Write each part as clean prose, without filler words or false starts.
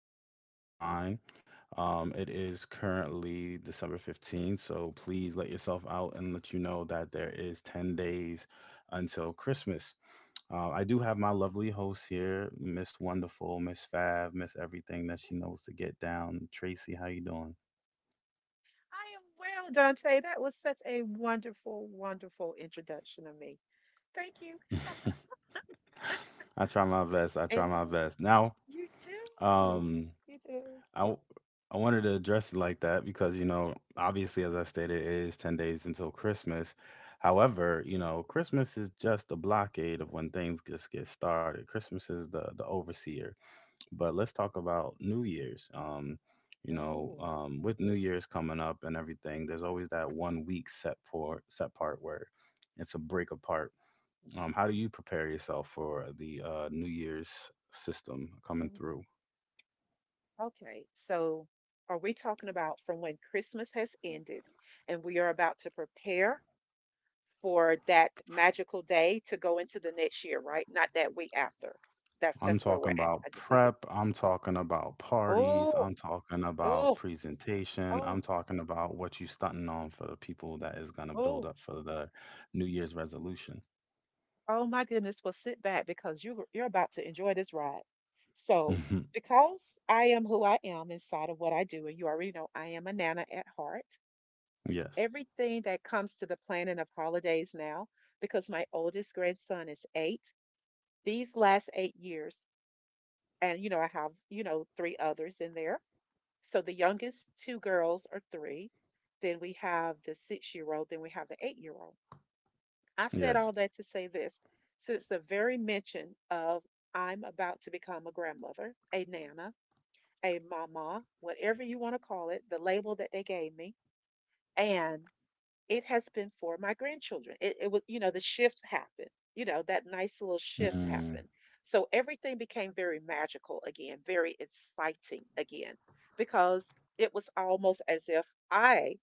Coin with Your Mind. It is currently December 15th, so please let yourself out and let you know that there is 10 days until Christmas. I do have my lovely host here, Miss Wonderful, Miss Fab, Miss Everything that she knows to get down. Tracy, how you doing? I am well, Dante. That was such a wonderful, wonderful introduction of me. Thank you. I try my best. I try And my best. You do. um, You do. I w- I wanted to address it like that because, you know, obviously, as I stated, it is 10 days until Christmas. However, you know, Christmas is just a blockade of when things just get started. Christmas is the overseer. But let's talk about New Year's. Oh, With New Year's coming up and everything, there's always that 1 week set part where it's a break apart. How do you prepare yourself for the New Year's system coming oh, through? okay. So, are we talking about from when Christmas has ended and we are about to prepare for that magical day to go into the next year, right? Not that week after. That's I'm that's where we're talking at. I about just need to. prep. I'm talking about parties. Oh, I'm talking about oh, presentation. oh, I'm talking about what you stunting on for the people that is going to oh. build up for the New Year's resolution. Oh my goodness. Well, sit back because you're about to enjoy this ride. So, hmm because I am who I am inside of what I do, and you already know I am a Nana at heart, Yes. everything that comes to the planning of holidays now, because my oldest grandson is eight, these last 8 years, and I have, three others in there. So the youngest two girls are 3. Then we have the 6-year old, then we have the 8-year old. I said Yes. all that to say this, since the very mention of I'm about to become a grandmother, a nana, a mama, whatever you want to call it, the label that they gave me, and it has been for my grandchildren. It was, the shift happened, that nice little shift Mm, happened. So everything became very magical again, very exciting again, because it was almost as if I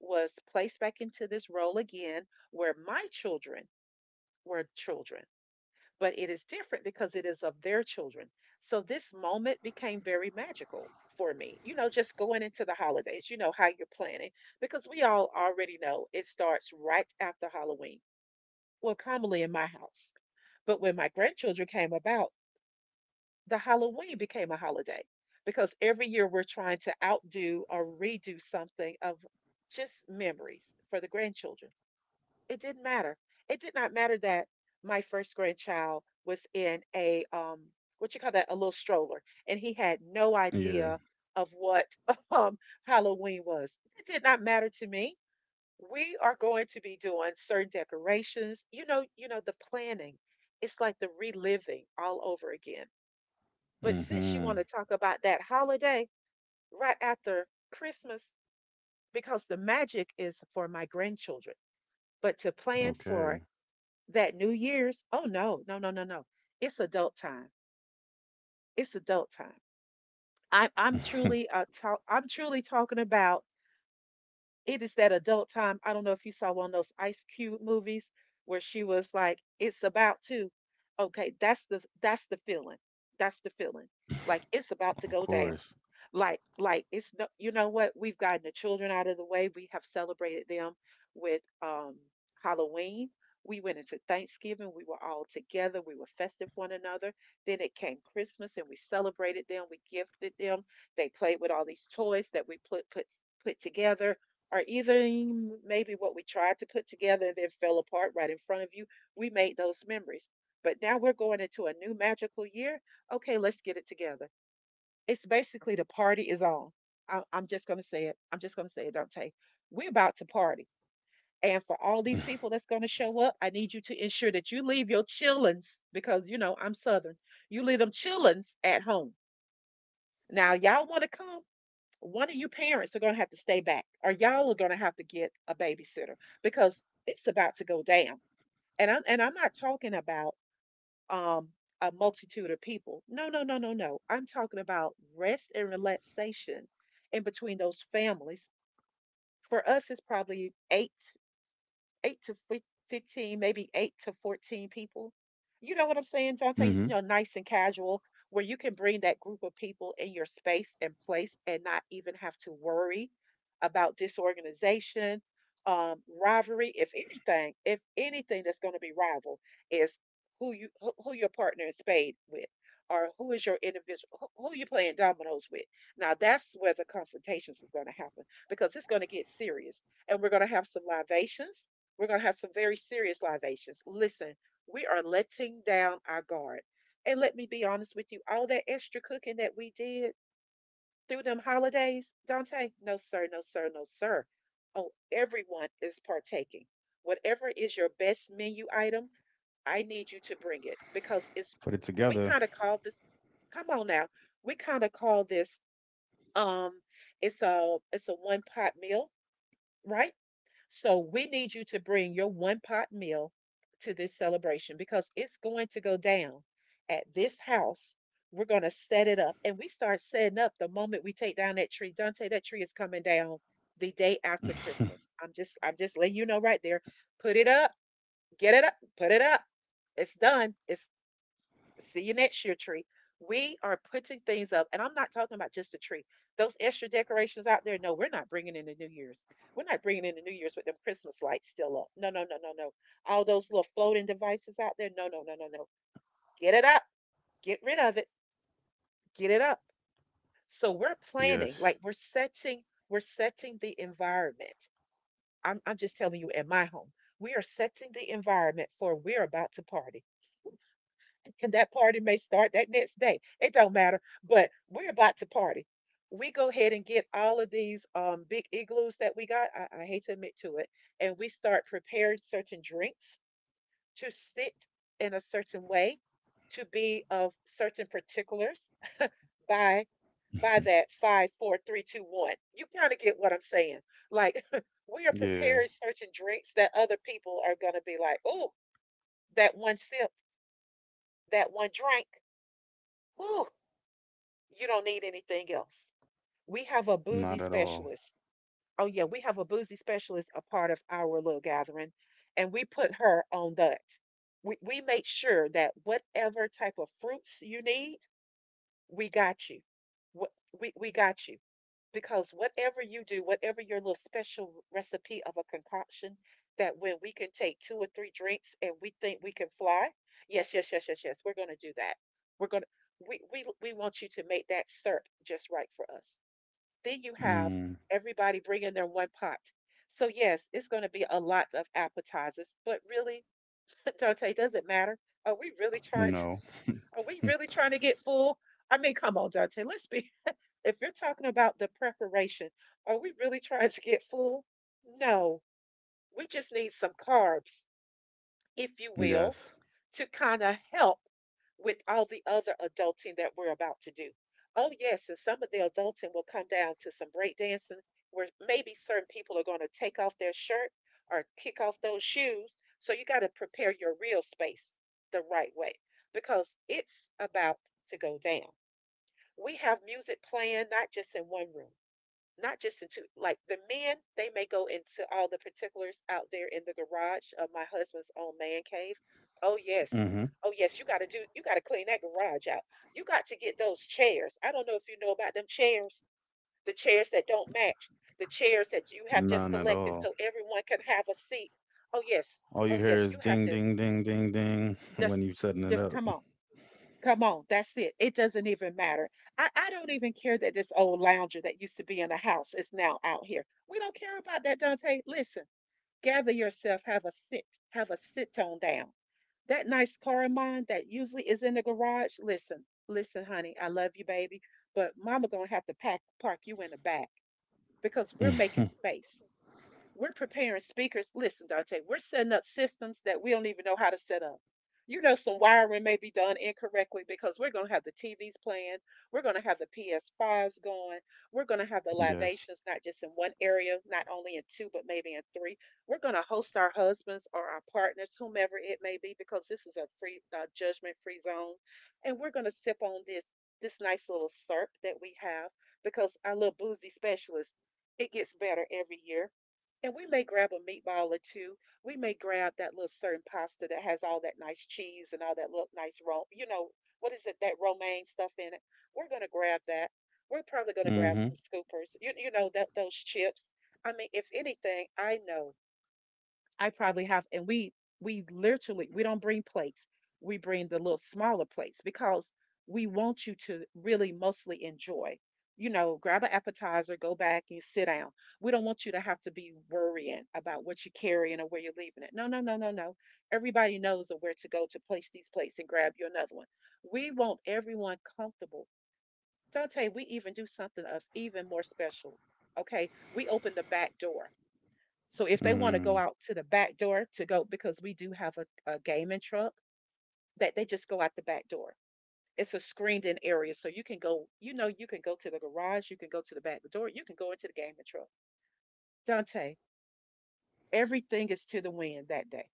was placed back into this role again where my children were children, but it is different because it is of their children. So this moment became very magical for me. Just going into the holidays, you know how you're planning, because we all already know it starts right after Halloween. Well, commonly in my house. But when my grandchildren came about, the Halloween became a holiday because every year we're trying to outdo or redo something of just memories for the grandchildren. It didn't matter. It did not matter that my first grandchild was in a what you call that, a little stroller, and he had no yeah. idea of what um Halloween was. It did not matter to me. We are going to be doing certain decorations. The planning. It's like the reliving all over again. But since you hmm want to talk about that holiday right after Christmas, because the magic is for my grandchildren, but to plan for Okay. that New Year's, oh no, no, no, no, no. It's adult time. It's adult time. I'm I'm truly uh talk, I'm truly talking about it is that adult time. I don't know if you saw one of those Ice Cube movies where she was like, "It's about to." Okay, that's the feeling. That's the feeling. Like it's about to Of go down. course. Like, it's no, you know what, we've gotten the children out of the way. We have celebrated them with Halloween. We went into Thanksgiving, we were all together, we were festive one another. Then it came Christmas, and we celebrated them, we gifted them, they played with all these toys that we put together, or even maybe what we tried to put together and then fell apart right in front of you. We made those memories, but now we're going into a new magical year. Okay, let's get it together. It's basically the party is on. I'm just going to say it. I'm just going to say it, Dante. We're about to party. And for all these people that's going to show up, I need you to ensure that you leave your chillins because, I'm Southern. You leave them chillins at home. Now, y'all want to come? One of you parents are going to have to stay back, or y'all are going to have to get a babysitter because it's about to go down. And I'm not talking about um, a multitude of people. No, no, no, no, no. I'm talking about rest and relaxation in between those families. For us, it's probably eight 8 to 15, maybe 8 to 14 people. You know what I'm saying, Jonte? hmm Nice and casual, where you can bring that group of people in your space and place and not even have to worry about disorganization, rivalry. If anything that's going to be rival is who your partner in spade with. Or who is your individual? Who you playing dominoes with? Now that's where the confrontations is going to happen because it's going to get serious, and we're going to have some libations, we're going to have some very serious libations. Listen, we are letting down our guard. And let me be honest with you, all that extra cooking that we did through them holidays, Dante, no, sir, no, sir, no, sir. Oh, everyone is partaking. Whatever is your best menu item, I need you to bring it Put it because together. it's, we kind of call this, come on now, we kind of call this, um, it's a one pot meal, right? So we need you to bring your one pot meal to this celebration because it's going to go down at this house. We're going to set it up. And we start setting up the moment we take down that tree. Dante, that tree is coming down the day after Christmas. I'm just letting you know right there. Put it up, get it up, put it up. It's done. It's, see you next year, tree. We are putting things up, and I'm not talking about just a tree. Those extra decorations out there, no, we're not bringing in the New Year's. We're not bringing in the New Year's with them Christmas lights still up. No, no, no, no, no. All those little floating devices out there, no, no, no, no, no. Get it up. Get rid of it. Get it up. So we're Yes. planning, like we're setting the environment. I'm just telling you, in my home, we are setting the environment for we're about to party. And that party may start that next day. It don't matter, but we're about to party. We go ahead and get all of these big igloos that we got. I hate to admit to it, and we start preparing certain drinks to sit in a certain way, to be of certain particulars by by that five, four, three, two, one. You kind of get what I'm saying. Like we are Yeah. preparing certain drinks that other people are gonna be like, oh, that one sip, that one drink. Ooh. You don't need anything else. We have a Not boozy at all. specialist. Oh, yeah, we have a boozy specialist a part of our little gathering, and we put her on that. We make sure that whatever type of fruits you need, we got you. Wh- we got you because whatever you do, whatever your little special recipe of a concoction, that when we can take two or three drinks and we think we can fly, yes, yes, yes, yes, yes, we're going to do that. We're going to, we want you to make that syrup just right for us. Then you have Mm, everybody bringing their one pot. So yes, it's going to be a lot of appetizers, but really, Dante, does it matter? Are we really trying to? no. Are we really trying to get full? I mean, come on, Dante. Let's be, if you're talking about the preparation, are we really trying to get full? No, we just need some carbs, if you will, Yes. to kind of help with all the other adulting that we're about to do. Oh, yes, and some of the adulting will come down to some breakdancing where maybe certain people are going to take off their shirt or kick off those shoes. So you got to prepare your real space the right way because it's about to go down. We have music playing not just in one room, not just into like the men, they may go into all the particulars out there in the garage of my husband's own man cave. Oh yes, hmm oh yes, you got to clean that garage out. You got to get those chairs. I don't know if you know about them chairs, the chairs that don't match, the chairs that you have just None at collected all. so everyone can have a seat. Oh yes, All you oh hear yes, is you have ding, to, ding, ding, ding, ding just when you setting it just up. come on. Come on, that's it. It doesn't even matter. I don't even care that this old lounger that used to be in the house is now out here. We don't care about that, Dante. Listen, gather yourself, have a sit on down. That nice car of mine that usually is in the garage, listen, listen, honey, I love you, baby, but mama gonna have to pack park you in the back because we're making space. We're preparing speakers. Listen, Dante, we're setting up systems that we don't even know how to set up. You know, some wiring may be done incorrectly because we're going to have the TVs playing. We're going to have the PS5s going. We're going to have the Yes. libations, not just in one area, not only in two, but maybe in three. We're going to host our husbands or our partners, whomever it may be, because this is a free, judgment free zone. And we're going to sip on this nice little SERP that we have because our little boozy specialist, it gets better every year, and we may grab a meatball or two. We may grab that little certain pasta that has all that nice cheese and all that little nice ro, what is it, that romaine stuff in it. We're going to grab that. We're probably going to grab Mm-hmm. some scoopers, you know, that those chips. I mean, if anything, I know I probably have, and we literally we don't bring plates. We bring the little smaller plates because we want you to really mostly enjoy. You know, grab an appetizer, go back and sit down. We don't want you to have to be worrying about what you're carrying or where you're leaving it. No, no, no, no, no. Everybody knows of where to go to place these plates and grab you another one. We want everyone comfortable. So I'll tell Dante, we even do something of even more special. Okay, we open the back door so if they want to go Mm. out to the back door to go, because we do have a gaming truck, that they just go out the back door. It's a screened-in area, so you can go. You know, you can go to the garage, you can go to the back door, you can go into the gaming truck. Dante, everything is to the wind that day.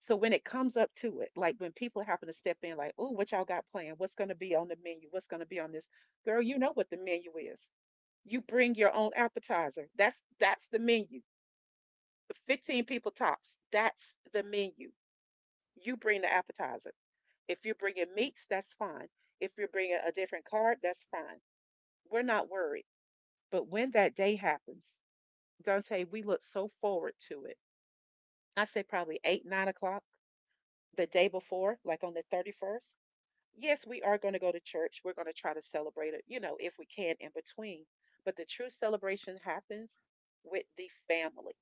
So when it comes up to it, like when people happen to step in, like, "Oh, what y'all got planned? What's going to be on the menu? What's going to be on this?" Girl, you know what the menu is. You bring your own appetizer. That's the menu. 15 people tops. That's the menu. You bring the appetizer. If you're bringing meats, that's fine. If you're bringing a different card, that's fine. We're not worried. But when that day happens, Dante, we look so forward to it. I say probably eight, 9 o'clock the day before, like on the 31st. Yes, we are going to go to church. We're going to try to celebrate it, you know, if we can in between. But the true celebration happens with the family,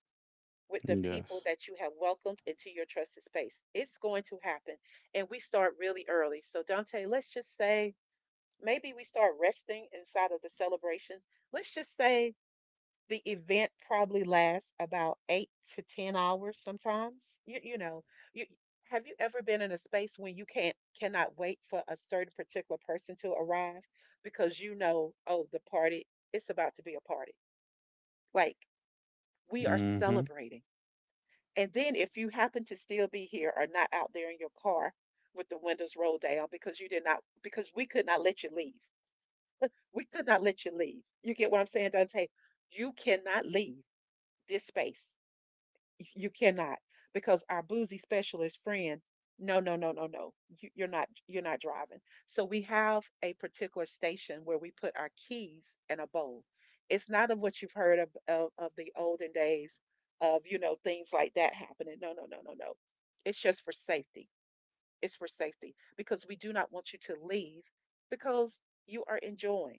with the people Yes. that you have welcomed into your trusted space. It's going to happen. And we start really early. So, Dante, let's just say maybe we start resting inside of the celebration. Let's just say the event probably lasts about eight to 10 hours sometimes. You know, you, have you ever been in a space when you can't cannot wait for a certain particular person to arrive because you know, oh, the party, it's about to be a party. Like, we are Mm-hmm. celebrating, and then if you happen to still be here or not out there in your car with the windows rolled down because you did not, because we could not let you leave. We could not let you leave. You get what I'm saying, Dante? You cannot leave this space, you cannot, because our boozy specialist friend, no, no, no, no, no, you're not driving. So we have a particular station where we put our keys in a bowl. It's not of what you've heard of of the olden days of, you know, things like that happening. No, no, no, no, no. It's just for safety. It's for safety because we do not want you to leave because you are enjoying,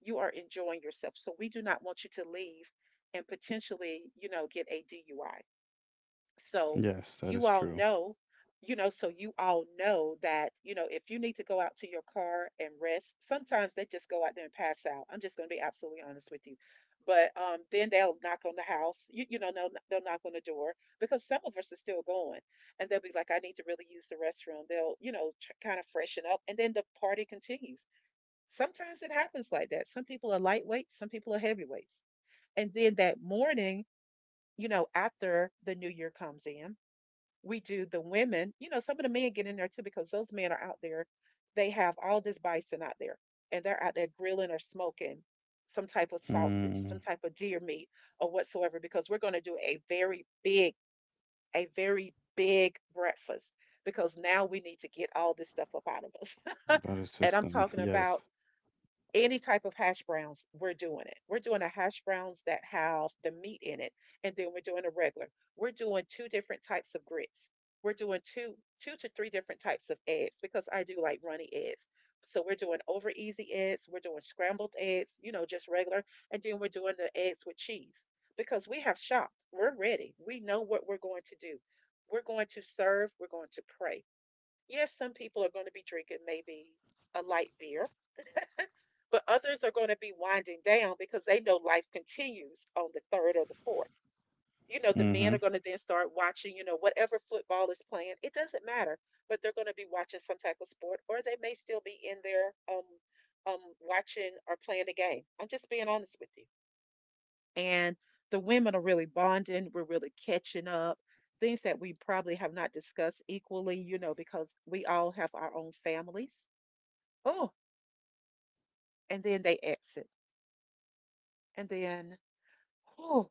you are enjoying yourself, so we do not want you to leave and potentially, you know, get a DUI. So Yes, that you is all true. know, you know, so you all know that, you know, if you need to go out to your car and rest, sometimes they just go out there and pass out. I'm just going to be absolutely honest with you. But then they'll knock on the house, you know, they'll knock on the door because some of us are still going. And they'll be like, I need to really use the restroom. They'll, you know, kind of freshen up. And then the party continues. Sometimes it happens like that. Some people are lightweights, some people are heavyweights. And then that morning, you know, after the new year comes in, we do the women, you know, some of the men get in there too because those men are out there. They have all this bison out there and they're out there grilling or smoking some type of sausage, Mm. some type of deer meat or whatsoever because we're going to do a very big breakfast because now we need to get all this stuff up out of us. That is And I'm system. talking Yes. about any type of hash browns, we're doing it. We're doing a hash browns that have the meat in it, and then we're doing a regular. We're doing two different types of grits. We're doing two to three different types of eggs because I do like runny eggs. So we're doing over easy eggs, we're doing scrambled eggs, you know, just regular, and then we're doing the eggs with cheese because we have shopped. We're ready. We know what we're going to do. We're going to serve, we're going to pray. Yes, some people are going to be drinking maybe a light beer, but others are going to be winding down because they know life continues on the third or the fourth. You know, the men Mm-hmm. are going to then start watching, you know, whatever football is playing. It doesn't matter, but they're going to be watching some type of sport, or they may still be in there watching or playing the game. I'm just being honest with you. And the women are really bonding. We're really catching up. Things that we probably have not discussed equally, you know, because we all have our own families. Oh, and then they exit. And then, oh.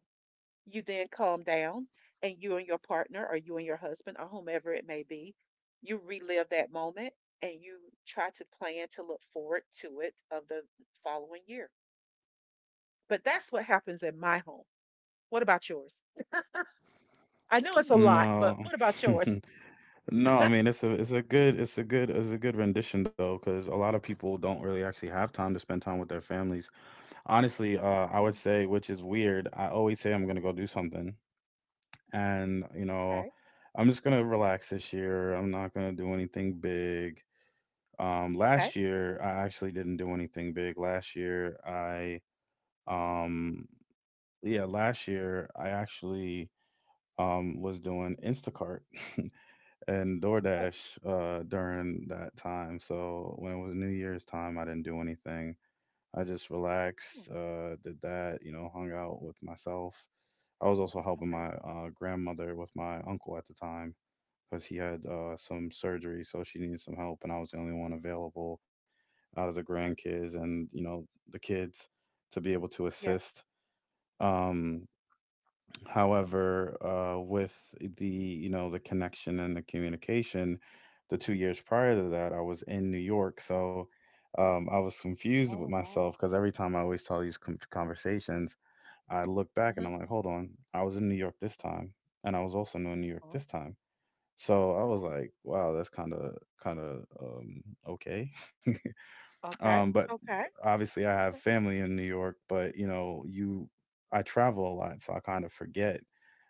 You then calm down and you and your partner or you and your husband or whomever it may be, you relive that moment and you try to plan to look forward to it of the following year. But that's what happens in my home. What about yours? I know it's a lot, but No. what about yours? No, I mean, it's a it's a good rendition though, because a lot of people don't really actually have time to spend time with their families. Honestly, I would Oh, say, which is weird, I always say I'm gonna go do something. And, you know, okay. I'm just gonna relax this year. I'm not gonna do anything big. Um, Okay. last year I actually didn't do anything big last year I um yeah Last year I actually, was doing Instacart and Oh, DoorDash during that time. So when it was New Year's time, I didn't do anything. I just mm, relaxed, did that, you know, hung out with myself. I was also helping okay. my grandmother with my uncle at the time because he had some surgery, so she needed some help, and I was the only one available out of the Okay. grandkids and, you know, the kids to be able to Yes. assist. Um, However, with, the you know, the connection and the communication, the 2 years prior to that, I was in New York. So, I was confused with Oh, myself, wow. because every time I always tell these conversations, I look back and Hmm. I'm like, hold on, I was in New York this time, and I was also in New York Uh-huh. this time. So I was Oh, like, wow, that's kind of okay. okay. But Okay. obviously I have Okay. family in New York, but, you know, you I travel a lot, so I kind of forget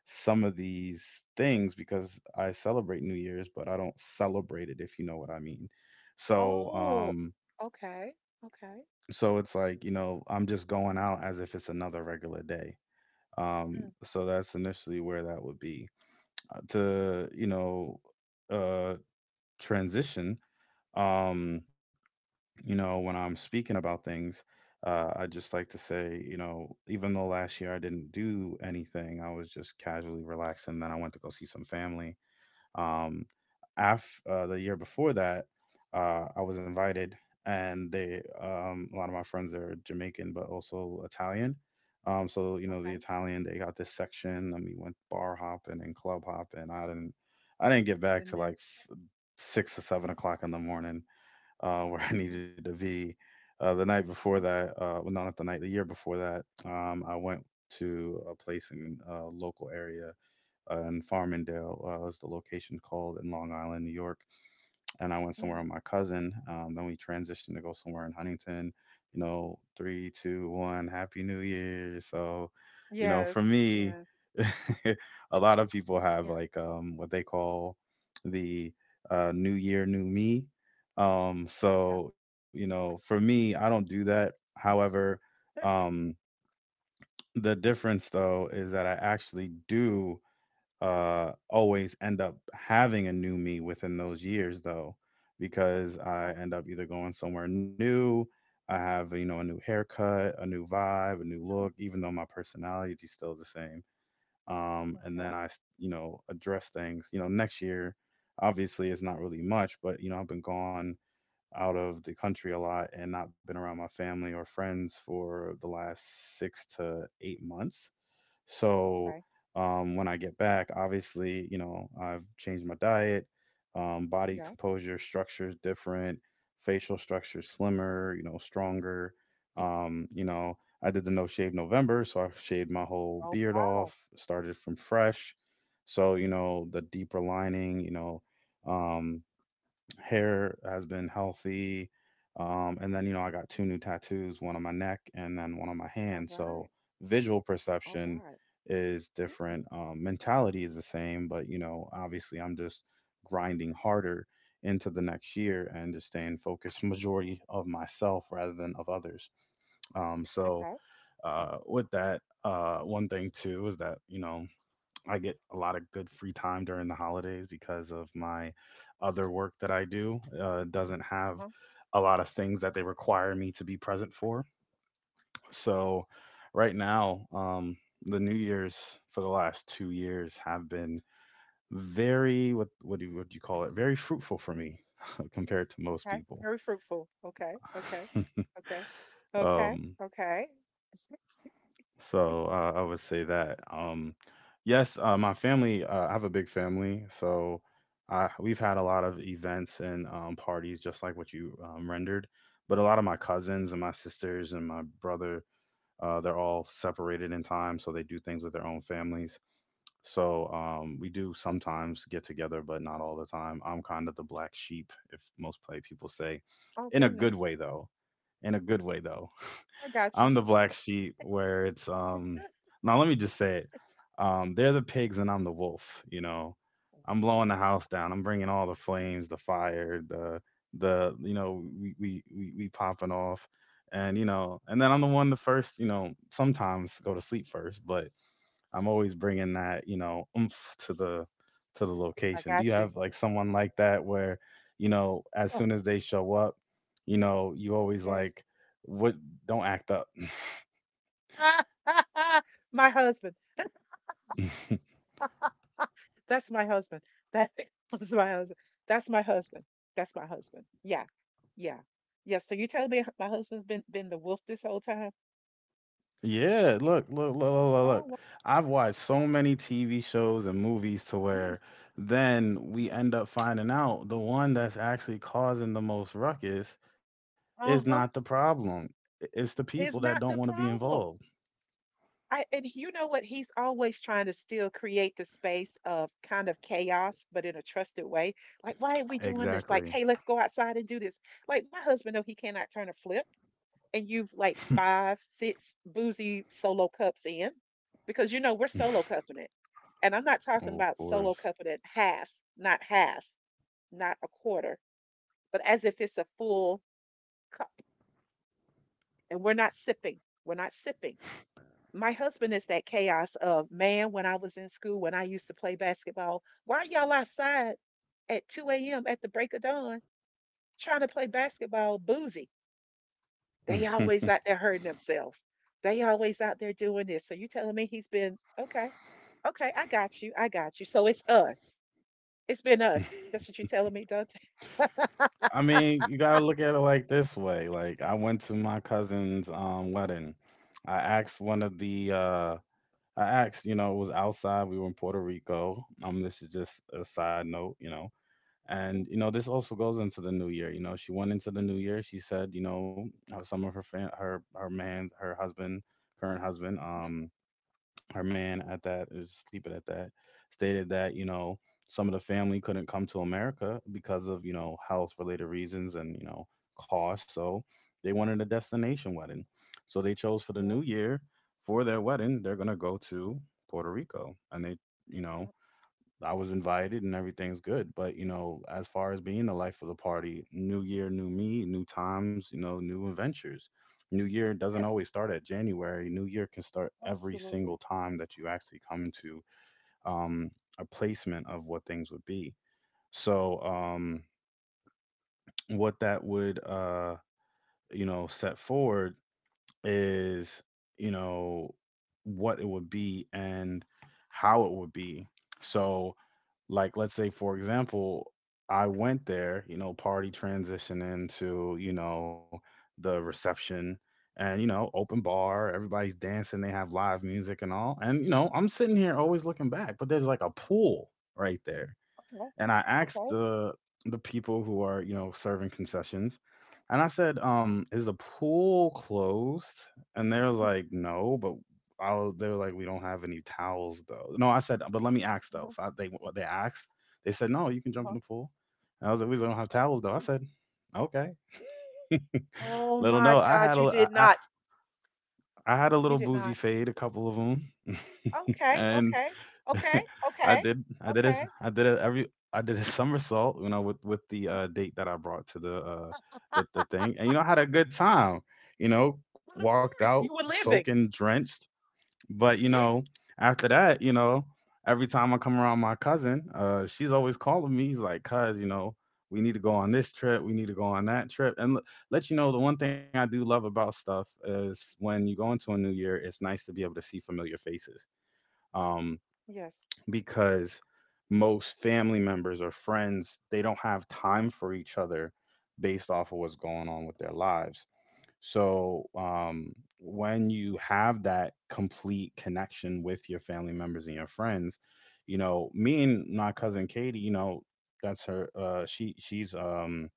some of these things, because I celebrate New Year's, but I don't celebrate it, if you know what I mean. So Oh, um okay. Okay. so it's like, you know, I'm just going out as if it's another regular day. Mm. So that's initially where that would be. Uh, to, you know, uh transition, um you know, when I'm speaking about things, I just like to say, you know, even though last year I didn't do anything, I was just casually relaxing, then I went to go see some family. Um af The year before that, I was invited and they, a lot of my friends are Jamaican but also Italian. So, you know, the Okay. Italian, they got this section, and we went bar hopping and club hopping. I didn't get Oh, back to goodness. like 6 or 7 o'clock in the morning, where I needed to be. The night before Mhm. that, Well, no, not the night, the year before that, I went to a place in a local area, in Farmingdale, is the location called, in Long Island, New York, and I went somewhere Yeah. with my cousin. Then we transitioned to go somewhere in Huntington. You know, 3, 2, 1, Happy New Year. So, you know, Yes. for me, Yes. a lot of people have Yeah. like, what they call the New Year, New Me. Yeah. So, you know, for me, I don't do that. However, um, the difference though is that I actually do, always end up having a new me within those years though, because I Okay. end up either going somewhere new. I have, you know, a new haircut, a new vibe, a new Oh, look, even though my personality is still the same. And okay. then I, you know, address things, you know, next year. Obviously, it's not really much, but you know, I've been gone out of the country a lot and not been around my family or friends for the last 6 to 8 months. So, Okay. When I get back, obviously, you know, I've changed my diet, body Yes. composure, structure is different, facial structure slimmer, you know, stronger. You know, I did the No Shave November, so I shaved my whole Oh, beard wow. off, started from fresh. So, you know, the deeper lining, you know, um, hair has been healthy. And then, you know, I got 2 new tattoos, one on my neck and then one on my All hand. So right. visual All perception right. is different. Mentality is the same, but, you know, obviously I'm just grinding harder into the next Mm. year and just staying focused majority of myself rather than of others. Um, so Okay. With that, one thing too is that, you know, I get a lot of good free time during the holidays because of my other work that I do. Doesn't have Uh-huh. a lot of things that they require me to be present for. So right now, the New Year's for the last 2 years have been very, what do you call it? Very fruitful for me compared to most Okay. people. Very fruitful. Okay. Okay. Okay. Okay. um, Okay. So I would say that. Yes, my family. I have a big family, so we've had a lot of events and, parties, just like what you, rendered. But a lot of my cousins and my sisters and my brother, they're all separated in time, so they do things with their own families. So we do sometimes get together, but not all the time. I'm kind of the black sheep, if most play people say, Oh, in a good goodness. way though. In a good way though. I got you. I'm the black sheep where it's now let me just say it. They're the pigs and I'm the wolf, you know. I'm blowing the house down. I'm bringing all the flames, the fire, the you know, we popping off. And, you know, and then I'm the one the first, you know, sometimes go to sleep first, but I'm always bringing that, you know, oomph to the I location. Do you got you. have like someone like that where, you know, as Oh, soon as they show up, you know, you always yes. like, what, don't act up? My husband. That's my husband. That is my husband. That's my husband. That's my husband. Yeah. Yeah. Yeah. So you telling me my husband's been the wolf this whole time? Yeah, look, look, look, look, look, Oh, look. well, I've watched so many TV shows and movies to mm, where then we mhm, end up finding out the one that's actually causing the most ruckus is uh-huh. not the problem. It's the It's people that not the don't want to be problem. involved. I, and you know what? He's always trying to still create the space of kind of chaos, but in a trusted way. Like, why are we doing this? Like, hey, Exactly. let's go outside and do this. Like, my husband know he cannot turn a flip, and you've like five, six boozy solo cups in, because you know we're solo cupping it, and I'm not talking about Of solo course. cupping it half, not a quarter, but as if it's a full cup, and we're not sipping. We're not sipping. My husband is that chaos of man. When I was in school, when I used to play basketball, why are y'all outside at 2 a.m. at the break of dawn trying to play basketball boozy? They I always out there hurting themselves, they always out there doing this. So you telling me he's been okay? Okay, I got you, I got you. So it's us. It's been us. That's what you're telling me, Dante. mean, you gotta look at it like this way. Like I went to my cousin's wedding. I asked one of the I asked, you know, it was outside. We were in Puerto Rico. This is just a side note, you know. And, Mhm, you know, this also goes into the new year. You know, she went into the new year. She said, you know, how some of her man, her husband, current husband, mhm. Her man at that is sleeping at that, stated that, you know, some of the family couldn't come to America because of, you know, health related reasons and, you know, cost. So they wanted a destination wedding, so they chose for the Yeah. new year for their wedding. They're going to go to Puerto Rico, and they, you know, Yeah. I was invited and everything's good. But, you know, as far as being the life of the party, new year, new me, new times, you know, new adventures. New year doesn't Yes. always start at January. New year can start every single Absolutely. time that you actually come into, um, a placement of what things would be. So, Yeah. What that would, set forward is, you know, what it would be and how it would be. So, like, let's say, for example, I went there, party, transition into the reception, and open bar, everybody's dancing, they have live music and all. And I'm sitting here always looking back, but there's like a pool right there. Okay. And I asked Okay. the people who are, serving concessions, and I said, "Is the pool closed?" And they was like, "No," but they were like, "We don't have any towels though." No, I said, "But let me ask though." Uh-huh, they, they said, "No, you can jump in uh-huh. the pool." And I was like, "We don't have towels though." I Mhm. said, "Okay." Oh Little, my no, god, you did not. I had a You little did boozy not. fade, a couple of them, Okay, and. okay, okay, I okay, did. I did it. okay. I did it every. I did a somersault. You know, with the date that I brought to the uh, the Ah. the thing, and, you know, I had a good time. You know, But of walked course, out you were living. soaking, drenched. But, you Yes, know, after that, you know, every time I come around my cousin, she's always calling me. He's like, "Cuz, you know, we need to go on this trip. We need to go on that trip." And let you know, the one thing I do love about stuff is when you go into a new year, it's nice to be able to see familiar faces. um, yes, because most family members or friends, they don't have time for each other based off of what's going on with their lives. So, when you have that complete connection with your family members and your friends, you know, me and my cousin Katie, you know, that's her. She's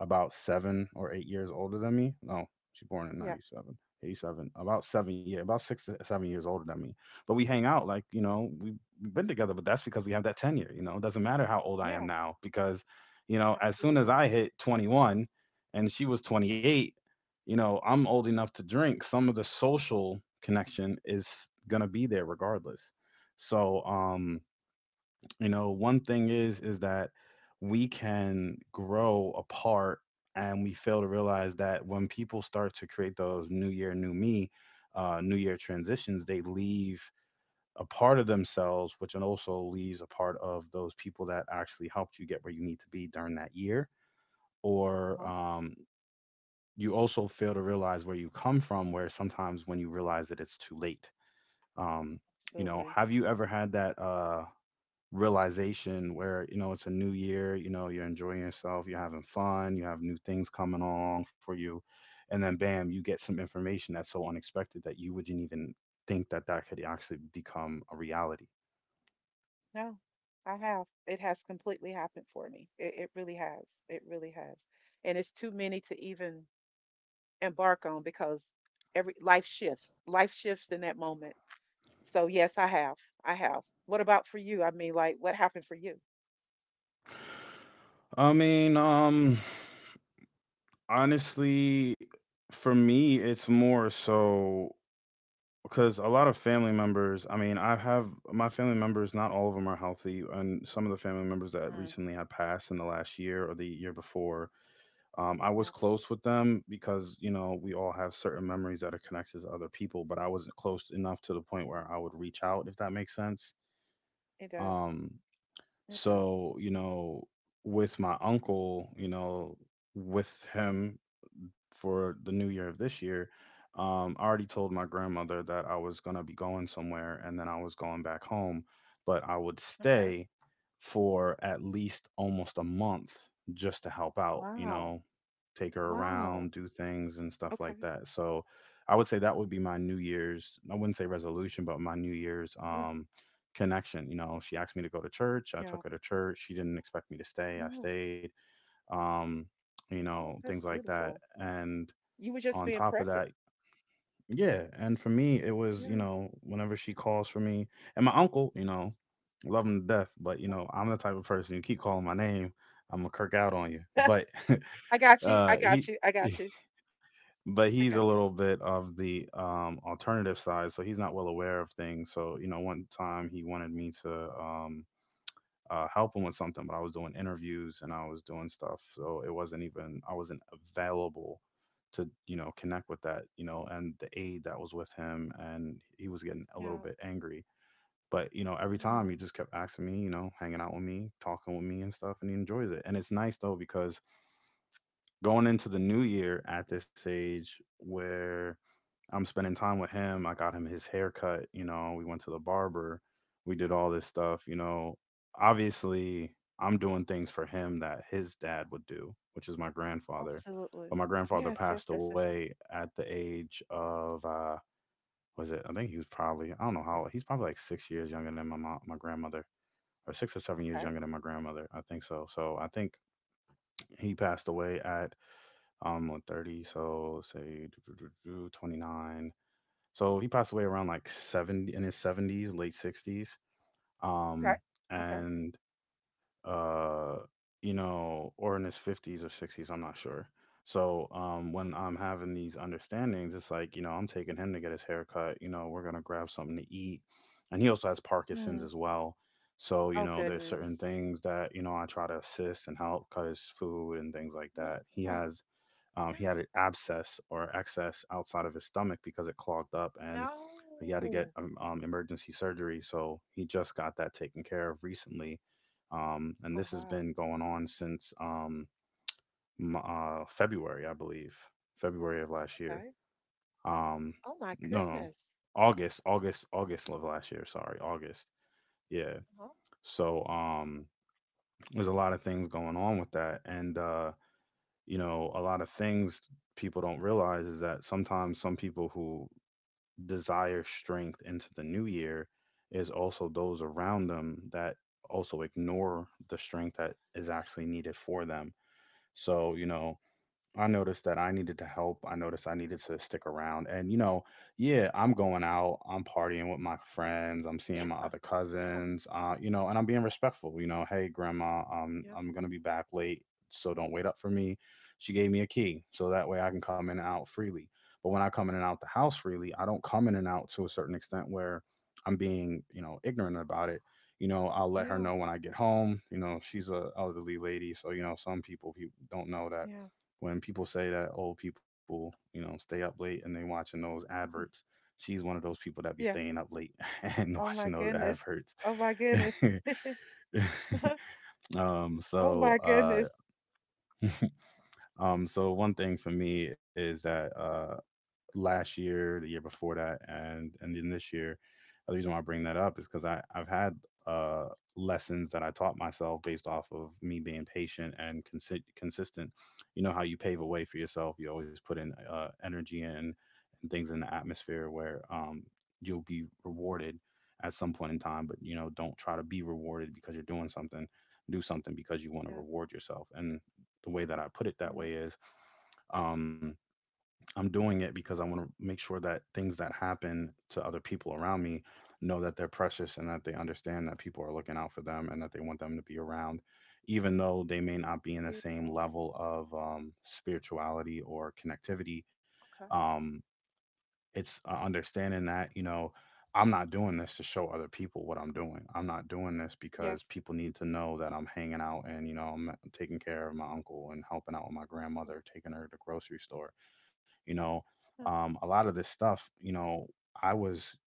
about 7 or 8 years older than me. No, she's born in yeah, 97, 87, about 7 years, about 6 to 7 years older than me. But we hang out, like, you know, we've been together, but that's because we have that tenure. You know, it doesn't matter how old I am yeah, now because, you know, as soon as absolutely. I hit 21 and she was 28, you know, I'm old enough to drink. Some of the social connection is going to be there regardless. So, you know, one thing is that we can grow apart, and we fail to realize that when people start to create those new year, new me, new year transitions, they leave a part of themselves, which also leaves a part of those people that actually helped you get where you need to be during that year. Uh-huh, Or you also fail to realize where you come from, where sometimes when you realize it, it's too late. um you know, absolutely. have you ever had that realization where, you know, it's a new year, you know, you're enjoying yourself, you're having fun, you have new things coming along for you, and then, bam, you get some information that's so unexpected that you wouldn't even think that that could actually become a reality? No, I have. It has completely happened for me. It really has. It really has. And it's too many to even embark on because every life shifts. Life shifts in that moment. So yes, I have. I have. What about for you? I mean, like, what happened for you? I mean, honestly, for me, it's more so because a lot of family members, I mean, I have my family members, not all of them are healthy, and some of the family members that Mm, recently have passed in the last year or the year before. I was yeah, close with them because, you know, we all have certain memories that are connected to other people, but I wasn't close enough to the point where I would reach out, if that makes sense. it does. Um, It does. so, you know, with my uncle, you know, with him, for the new year of this year, I already told my grandmother that I was gonna be going somewhere and then I was going back home, but I would Okay. stay for at least almost a month just to help out, you Wow. know, take her Wow. around, do things and stuff like Okay. that. So, I would say that would be my New Year's, I wouldn't say resolution, but my New Year's Yeah. Connection. You know, she asked me to go to church. I Yeah. took her to church. She didn't expect me to stay. I Yes. stayed, um, you Oh, know, that's things like that. beautiful. And You were just on being top of present. that, yeah. And for me, it was, you Yeah. know, whenever she calls for me, and my uncle, you know, love him to death. But, you know, I'm the type of person, you keep calling my name, I'm gonna kirk out on you. Okay. But I got you. I got he you. I got you. but I he's a got you. little bit of the alternative side, so he's not well aware of things. So, you know, one time he wanted me to help him with something, but I was doing interviews and I was doing stuff, so it wasn't even I wasn't available to, you know, connect with that, you know. And the aide that was with him, and he was getting a little Yeah. bit angry, but, you know, every time he Mm, just kept asking me, you know, hanging out with me, talking with me and stuff, and he enjoys it. And it's nice though, because going into the new year at this age where I'm spending time with him. I got him his haircut, you know, we went to the barber. We did all this stuff, you know. Obviously, I'm doing things for him that his dad would do, which is my grandfather. But absolutely. my grandfather Yes, yes, passed yes, yes, yes. away at the age of was it? I think he was probably, I don't know how, he's probably like 6 years younger than my mom, my grandmother, or 6 or 7 years Okay. younger than my grandmother. I think so. So, I think he passed away at what, 30, so say 29, so he passed away around like 70, in his 70s, late 60s. Okay. Um, Okay. and, uh, you know, or in his 50s or 60s, I'm not sure. So, when I'm having these understandings, it's like, you know, I'm taking him to get his haircut. You know, we're going to grab something to eat. And he also has Parkinson's Hmm. as well. So, you Oh know, there's goodness. certain things that, you know, I try to assist and help cut his food and things like that. Yeah. He had Yes. an abscess or excess outside of his stomach because it clogged up, and No. he had to get emergency surgery. So he just got that taken care of recently, and Oh this has wow. been going on since February, I believe, February of last year. Okay. Um, Oh my no, no, goodness. August, August, August of last year. Sorry, August. Yeah. Uh-huh. So, there's a lot of things going on with that, and, you know, a lot of things people don't realize is that sometimes some people who desire strength into the new year is also those around them that also ignore the strength that is actually needed for them. So, you know, I noticed that I needed to help. I noticed I needed to stick around. And, you know, yeah, I'm going out, I'm partying with my friends, I'm seeing my Yeah. other Yeah. cousins, you know, and I'm being respectful, you know, "Hey, grandma, Yeah. I'm going to be back late, so don't wait up for me." She gave me a key, so that way I can come in and out freely. But when I come in and out the house freely, I don't come in and out to a certain extent where I'm being, you know, ignorant about it. You know, I'll let her Yeah. know when I get home. You know, she's a elderly lady, so, you know, some people don't know that Yeah. when people say that old people, you know, stay up late and they watching those adverts, she's one of those people that be Yeah. staying up late and Oh my watching those goodness. adverts. Oh my goodness. um, Oh so my uh, goodness. So one thing for me is that, last year, the year before that, and then this year. The reason why I bring that up is because I've had uh, lessons that I taught myself based off of me being patient and consistent. You know how you pave a way for yourself. You always put in energy and things in the atmosphere where, you'll be rewarded at some point in time. But, you know, don't try to be rewarded because you're doing something. Do something because you want to Yeah. reward yourself. And the way that I put it that Yeah. way is. Um, I'm doing it because I want to make sure that things that happen to other people around me know that they're precious and that they understand that people are looking out for them and that they want them to be around, even though they may not be That's in the same beautiful. level of spirituality or connectivity. Okay. Um, it's understanding that, you know, I'm not doing this to show other people what I'm doing. I'm not doing this because Yes. people need to know that I'm hanging out and, you know, I'm taking care of my uncle and helping out with my Oh, grandmother, taking her to the grocery store you know, yeah. A lot of this stuff, you know, I was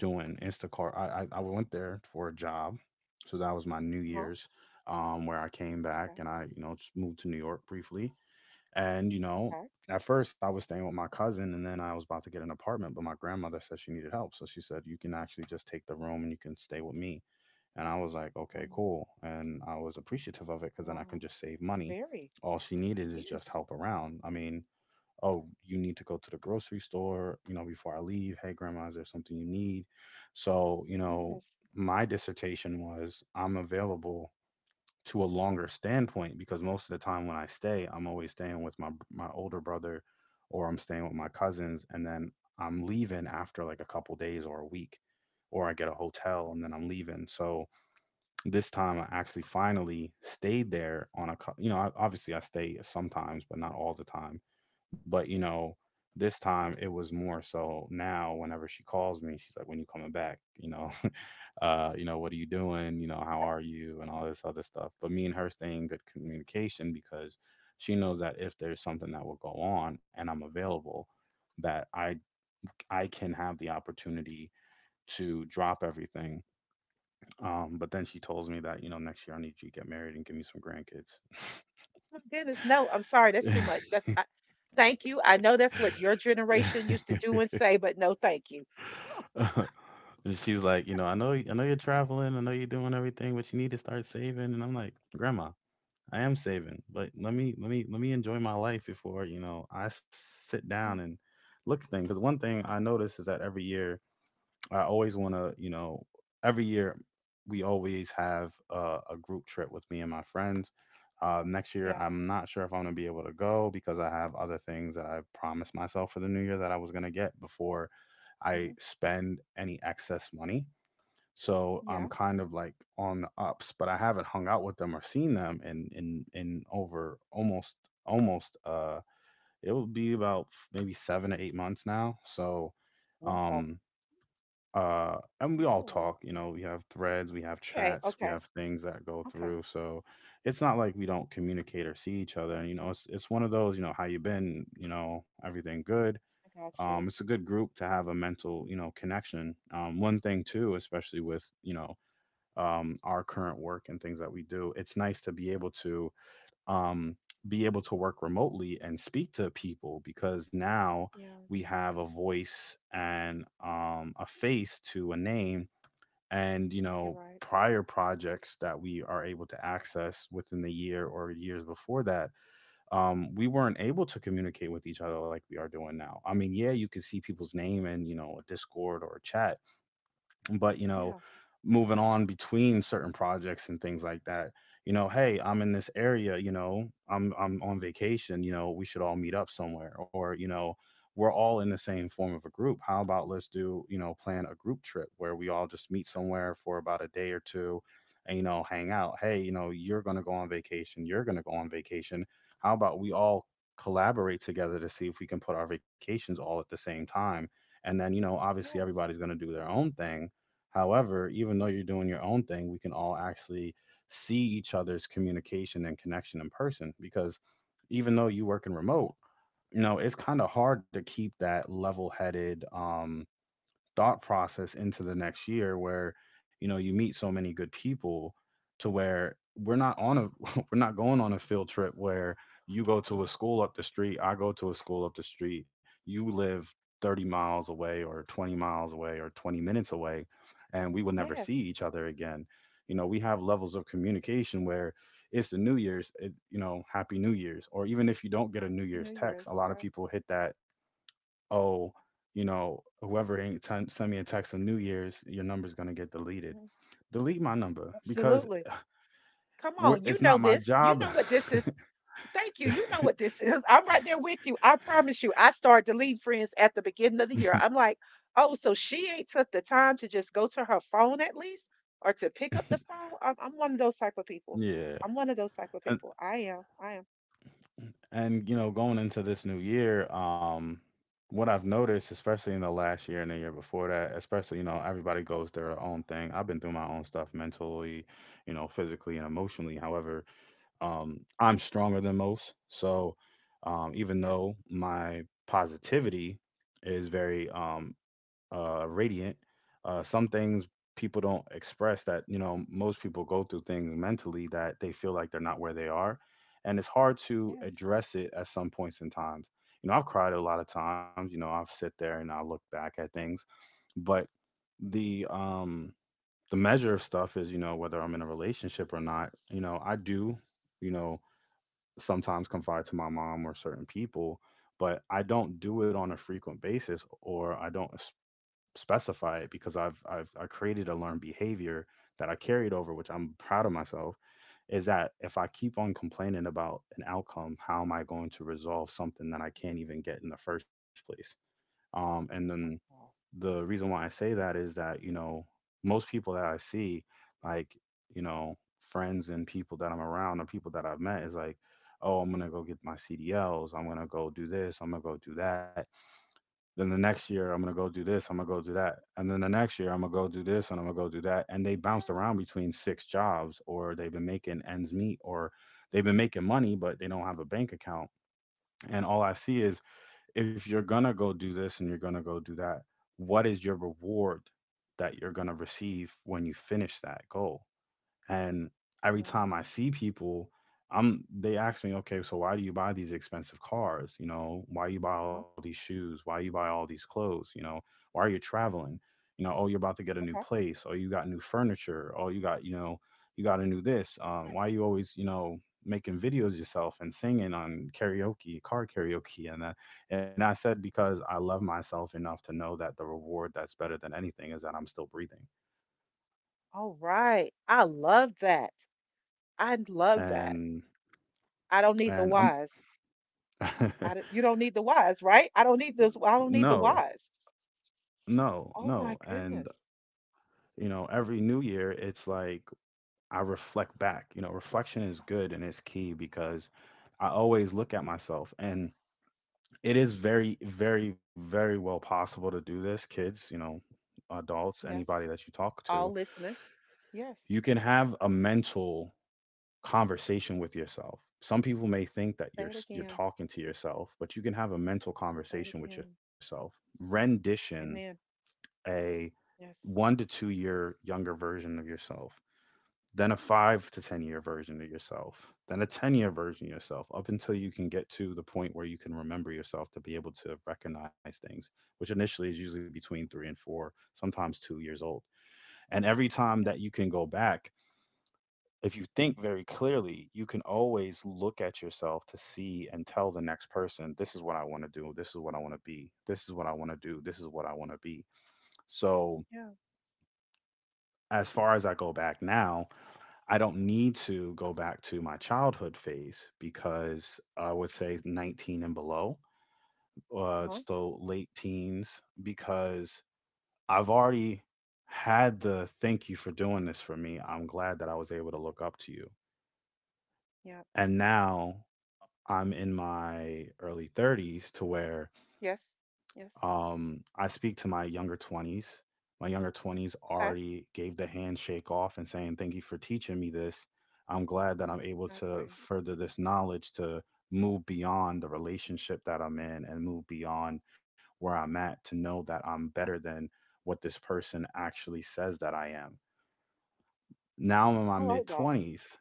doing Instacart. I went there for a job. So that was my New Uh-huh. Year's, where I came back Okay. and I, you know, just moved to New York briefly. And, you know, Okay. at first I was staying with my cousin and then I was about to get an apartment, but my grandmother said she needed help. So she said, "You can actually just take the room and you can stay with me." And I was like, "Okay, Um, cool." And I was appreciative of it because then I can wow. just save money. Very. All she needed is just Yes. help around. I mean, oh, you need to go to the grocery store, you know, before I leave. Hey, grandma, is there something you need? So, you know, Yes. my dissertation was I'm available to a longer standpoint because most of the time when I stay, I'm always staying with my older brother or I'm staying with my cousins and then I'm leaving after like a couple days or a week or I get a hotel Oh and then I'm leaving. So, this time I actually finally stayed there on you know, I, obviously I stay sometimes, but not all the time. But, you know, this time it was more so now whenever she calls me, she's like, when you coming back, you know, you know, what are you doing? You know, how are you? And all this other stuff. But me and her stay in good communication because she knows that if there's something that will go on and I'm available, that I, I can have the opportunity to drop everything. But then she tells me that, you know, next year I need you to get married and give me some grandkids. my goodness. No, I'm sorry. That's too much. Thank you. I know that's what your generation used to do and say, but no, thank you. Oh. And she's like, you know, I know you're traveling, I know you're doing everything, but you need to start saving. And I'm like, "Grandma, I am saving, but let Mhm, me let me let me enjoy my life before, you know, I sit down mhm, and look at things." Because one thing I notice is that every year I always want to, you know, every year we always have a group trip with me and my friends. Next year, yeah. I'm not sure if I'm going to be able to go because I have other things that I promised myself for the new year that I was going to get before I Hmm, spend any excess money. So I'm yeah. kind of like on the ups, but I haven't hung out with them or seen them in over almost almost it will be about maybe 7 to 8 months now. So Wow. um and we all Oh. talk, you know, we have threads, we have Okay. chats, we Okay. have things that go Okay. through. So it's not like we don't communicate or see each other. And, you know, it's one of those, you know, how you been, you know, everything good. I got you. It's a good group to have a mental, you know, connection. One thing too, especially with, you know, our current work and things that we do, it's nice to be able to um, be able to work remotely and speak to people because now Yes. we have a voice and a face to a name and you You're know right. prior projects that we are able to access within the year or years before that, we weren't able to communicate with each other like we are doing now. I mean, yeah, you can see people's name in, you know, a discord or a chat, but you know, Yeah. moving on between certain projects and things like that, you know, hey, I'm in this area, you know, I'm on vacation, you know, we should all meet up somewhere, or you know, we're all in the same form of a group, how about let's do, you know, plan a group trip where we all just meet somewhere for about a day or two and you know hang out. Hey, you know, you're going to go on vacation, you're going to go on vacation, how about we all collaborate together to see if we can put our vacations all at the same time, and then you know obviously Yes. everybody's going to do their own thing. However, even Hmm. though you're doing your own thing, we can all actually see each other's communication and connection in person because even though you work in remote, you know, it's kind of hard to keep that level headed, thought process into the next year where you know you meet so many good people to where we're not on a we're not going on a field trip where you go to a school up the street, I go to a school up the street, you live 30 miles away or 20 miles away or 20 minutes away and we will never Yes. see each other again. You know, we have levels of communication where it's the new year's, it, you know, happy new year's, or even if you don't get a new Happy year's New text, a Year's. lot of Yeah. people hit that. Oh, you know, whoever ain't t- send me a text on New Year's, your number's gonna get deleted. Mhm. Delete my number because Absolutely. Come we're, on, you it's know not my this. You job. know what this is. Thank you. You know what this is. I'm right there with you. I promise you. I started deleting friends at the beginning of the year. I'm like, oh, so she ain't took the time to just go to her phone at least or to pick up the phone. I'm one of those type of people. Yeah, I'm one of those type of and people. I am. I am. You know, going into this new year, what I've noticed, especially in the last year and the year before that, especially you know, everybody goes their own thing. I've been through my own stuff mentally, you know, physically and emotionally. However, I'm stronger than most. So even Yeah. though my positivity is very radiant, some things people don't express that, you know, most people go through things mentally that they feel like they're not where they are. And it's hard to Yes. address it at some points in times. You know, I've cried a lot of times, you know, I've sit there and I look back at things, but the the measure of stuff is, you know, whether I'm in a relationship or not, you know, I do, you know, sometimes confide to my mom or certain people, but I don't do it on a frequent basis or I don't specify it because I've I created a learned behavior that I carried over, which I'm proud of myself, is that if I keep on complaining about an outcome, how am I going to resolve something that I can't even get in the first place? And then Wow. the reason why I say that is that, you know, most people that I see, like, you know, friends and people that I'm around or people that I've met is like, oh, I'm going to go get my CDLs. I'm going to go do this. I'm going to go do that. Then the next year, I'm going to go do this. I'm going to go do that. And then the next year, I'm going to go do this and I'm going to go do that. And they bounced Yes. around between 6 jobs or they've been making ends meet or they've been making money, but they don't have a bank account. And all I see is if you're going to go do this and you're going to go do that, what is your reward that you're going to receive when you finish that goal? And every Yeah. Uh-huh. time I see people, I'm they ask me, okay, so why do you buy these expensive cars? You know, why you buy all these shoes? Why you buy all these clothes? You know, why are you traveling? You know, oh, you're about to get a new Okay. place. Oh, you got new furniture. Oh, you got, you know, you got a new this. Yes. Why you always, you know, making videos yourself and singing on karaoke, car karaoke, and that. And I said because I love myself enough to know that the reward that's better than anything is that I'm still breathing. All right. I love that. I love that. And I don't need the and whys. I'm I don't, you don't need the whys, right? I don't need this. I don't need the No, whys. no, Oh no. my And, goodness. you know, every new year, it's like I reflect back. You know, reflection is good and it's key because I always look at myself. And it is very, Mm, very, very well possible to do this, kids, you know, adults, yeah. anybody that you talk to. All listening. Yes. You can have a mental conversation with yourself. Some people may think that Say it you're again. talking to yourself, but you can have a mental Say it conversation with again. yourself. Rendition Amen. a Yes. 1 to 2 year younger version of yourself, then a five to 10 year version of yourself, then a 10-year version of yourself, up until you can get to the point where you can remember yourself to be able to recognize things, which initially is usually between three and four, sometimes 2 years old. And every Yeah. time that you can go back, if you think very clearly, you can always look at yourself to see and tell the next person, this is what I want to do. This is what I want to be. This is what I want to do. This is what I want to be. So, Yeah. as far as I go back now, I don't need to go back to my childhood phase because I would say 19 and below, Uh-huh. so late teens, because I've already had the thank you for doing this for me. I'm glad that I was able to look up to you. Yeah. And now I'm in my early 30s to where Yes. Yes. I speak to my younger 20s. My younger 20s Okay. already gave the handshake off and saying, thank you for teaching me this. I'm glad that I'm able I to agree. further this knowledge to move beyond the relationship that I'm in and move beyond where I'm at to know that I'm better than what this person actually says that I am. Now I'm in my I mid like that. 20s,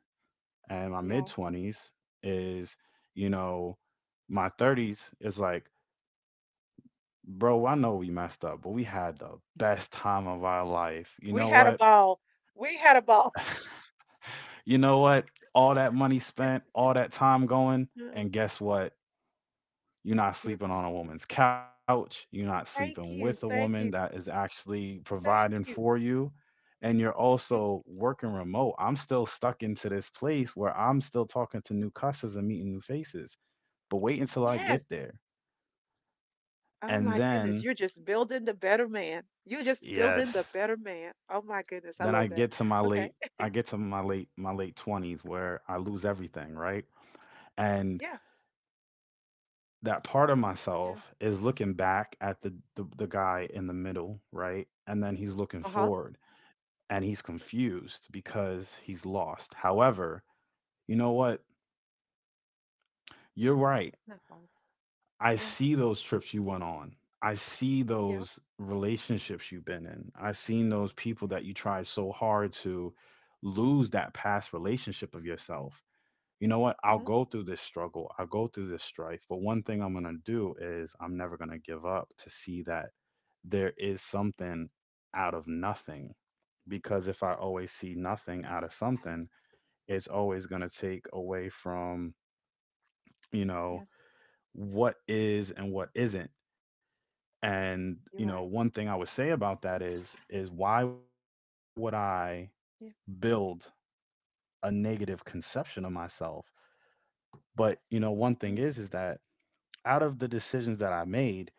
and my mid Yeah. 20s is, you know, my 30s is like, bro, I know we messed up, but we had the best time of our life. You We know had a what? ball. We had a ball. You know what? All that money spent, all that time going, No, and guess what? You're not you'll do it sleeping on a again. woman's couch. You're not sleeping Thank with a you. Thank woman you. that is actually Thank providing you. for you. And you're Thank- also working remote. I'm still stuck into this place where I'm still talking to new cusses and meeting new faces. But wait until I Yes. get there. Oh my And goodness, then, you're just building the better man. You're just building the yes. better man. Oh my goodness, I Then love I that. get to my Okay. late I get to my late 20s where I lose everything, right? And Yeah. that part of Yeah. myself is looking back at the the guy in the middle, right? And then he's looking Uh-huh. forward and he's confused because he's lost. However, you know what? You're right. That falls. I Yeah. see those trips you went on. I see Yeah. those relationships you've been in. I've seen those people Yeah. that you tried so hard to lose that past relationship of yourself. You know what? I'll Hmm. go through this struggle. I'll go through this strife. But one thing I'm going to do is I'm never going to give up to see that there is something out of nothing. Because if I always see nothing out of something, it's always going to take away from, you know, Yes. what is and what isn't. And, You're right. one thing I would say about that is, why would I Yeah. build a negative conception of myself? But, one thing is, Mm, that out of the decisions that I made,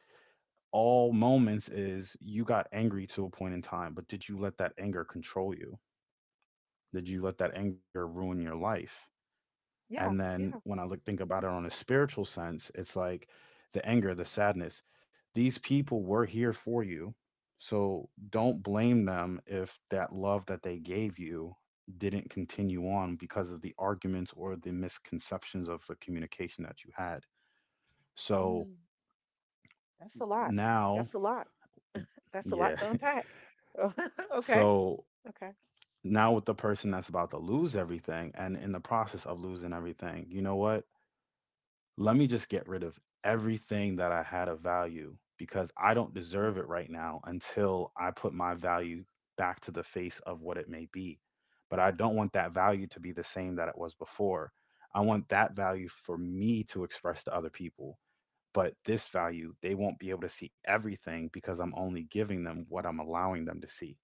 all moments is you got angry to a point in time, but did you let that anger control you? Did you let that anger ruin your life? And yeah. then Yeah. when I look think about it on a spiritual sense, it's like the anger, the sadness, these people were here for you. So don't blame them if that love that they gave you didn't continue on because of the arguments or the misconceptions of the communication that you had. Mm. So That's a lot. now That's a lot. That's a lot yeah to unpack. Oh, okay. So Okay. now with the person that's about to lose everything and in the process of losing everything, you know what? Let me just get rid of everything that I had of value because I don't deserve Mm. it right now until I put my value back to the face of what it may be. But I don't want that value to be the same that it was before. I want that value for me to express to other people. But this value, they won't be able to see everything because I'm only giving them what I'm allowing them to see.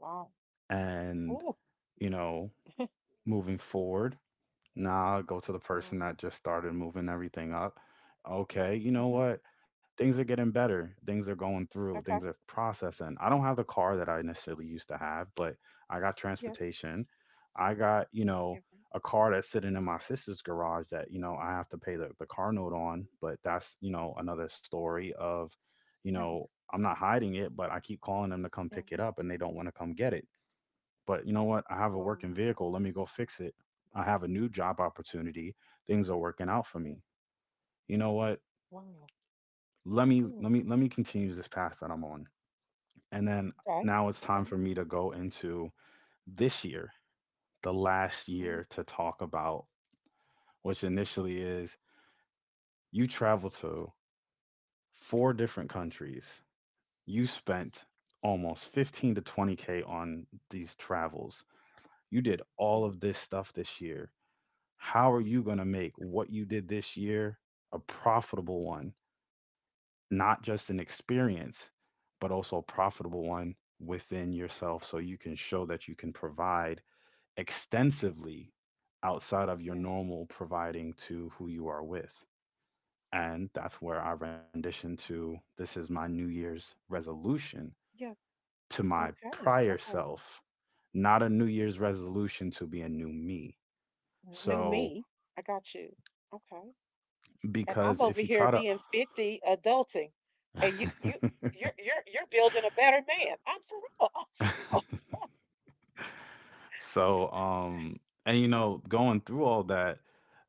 Wow. And, Oh. you know moving forward. Now I'll go to the Wow. person that just started moving everything up. Okay, you know Hmm. what? Things are getting better. Things are going through. Things Okay. are processing. I don't have the car that I necessarily used to have, but I got Yes. transportation. I got, you know, Yeah. Right. a car that's sitting in my sister's garage that, you know, I have to pay the car note on. But that's, you know, another story of, you Mm. know, I'm not hiding it, but I keep calling them to come Yeah. pick it up and they don't want to come get it, but you know what? I have a Wow. working vehicle. Let me go fix it. I have a new job opportunity. Things are working out for Yeah. me. You know what? Wow. Let me Mm. continue this path that I'm on. And then Okay. now it's time for Okay. me to go into this year, the last Mm. year to talk about, which initially is you traveled to four different countries. You spent almost 15 to 20K on these travels. You did all Yeah. of this stuff this year. How are you going to make what you did this year a profitable one, not just an experience, but also a profitable one within yourself so you can show that you can provide extensively outside of your Yes. normal providing to who you are with? And that's where our rendition to this is my New Year's resolution Yeah. to my Okay. prior Okay. self, not a New Year's resolution to be a new me. New So, me. I got you. Okay. And I'm because over if you here try to being 50, adulting, and you you you're you're you're building a better man. I'm for real. I'm So, and going through all that,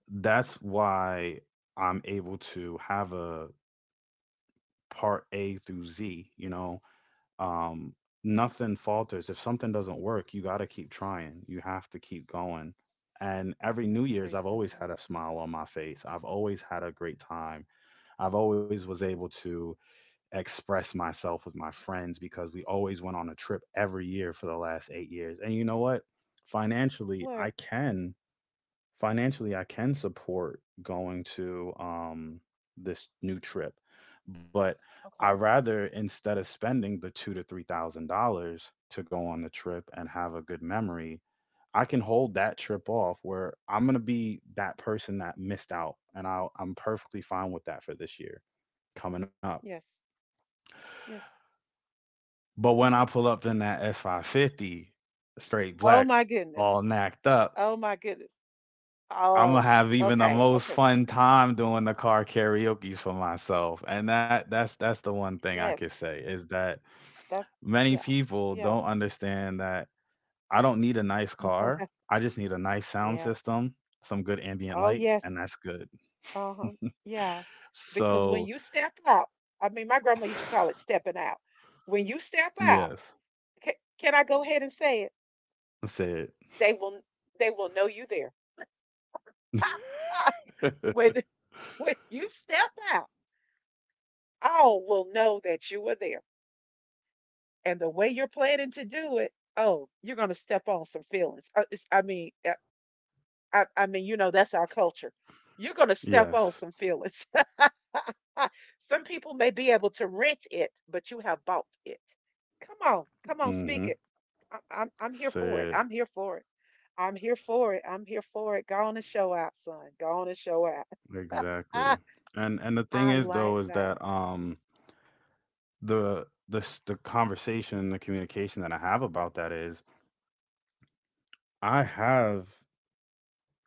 that's why I'm able to have a part A through Z, you know. Um, nothing falters. If something doesn't work, you got to keep trying. You have to keep going. And every New Year's, sorry, I've always Tonton. had a smile on my face. I've always had a great time. I've always was able to express myself with my friends because we always went on a trip every year for the last 8 years. And you know what? Financially, What? I can financially I can support going to this new trip, but I Okay. rather, instead of spending the two to three thousand dollars to go on the trip and have a good memory, I can hold that trip off where I'm gonna be that person that missed out, and I'm perfectly fine with that for this year coming up. Yes. Yes. But when I Mm. pull up in that S550, straight Oh black, my goodness. all knacked up, Oh my goodness. I'm gonna Oh. have even the Okay. most Okay. fun time doing the car karaoke's for myself. And that's the one thing I Yes. could say is that That's many yeah. people Yeah. don't understand that I don't need a nice car. I just need a nice sound Yeah. system, some good Oh ambient light, yes. and that's good. Uh huh. Yeah. Because when you So, step out, I mean, my grandma used to call it stepping out when you step out, yes, Can, can I go ahead and say it? say it. They will they will know you there. when when you step out, all will know that you were there. And the way you're planning to do it, oh, you're going to step on some feelings. I mean, I mean, you know, that's our culture. You're going to step on Yes. some feelings. Some people may be able to rent it, but you have bought it. Come on, come on, speak Mm-hmm. it. I'm here for it. Say it. I'm here for it. I'm here for it. I'm here for it. Go on and show out, son. Go on and show out. Exactly. And the thing I is, like though, is that. that the conversation, the communication that I have about that is I have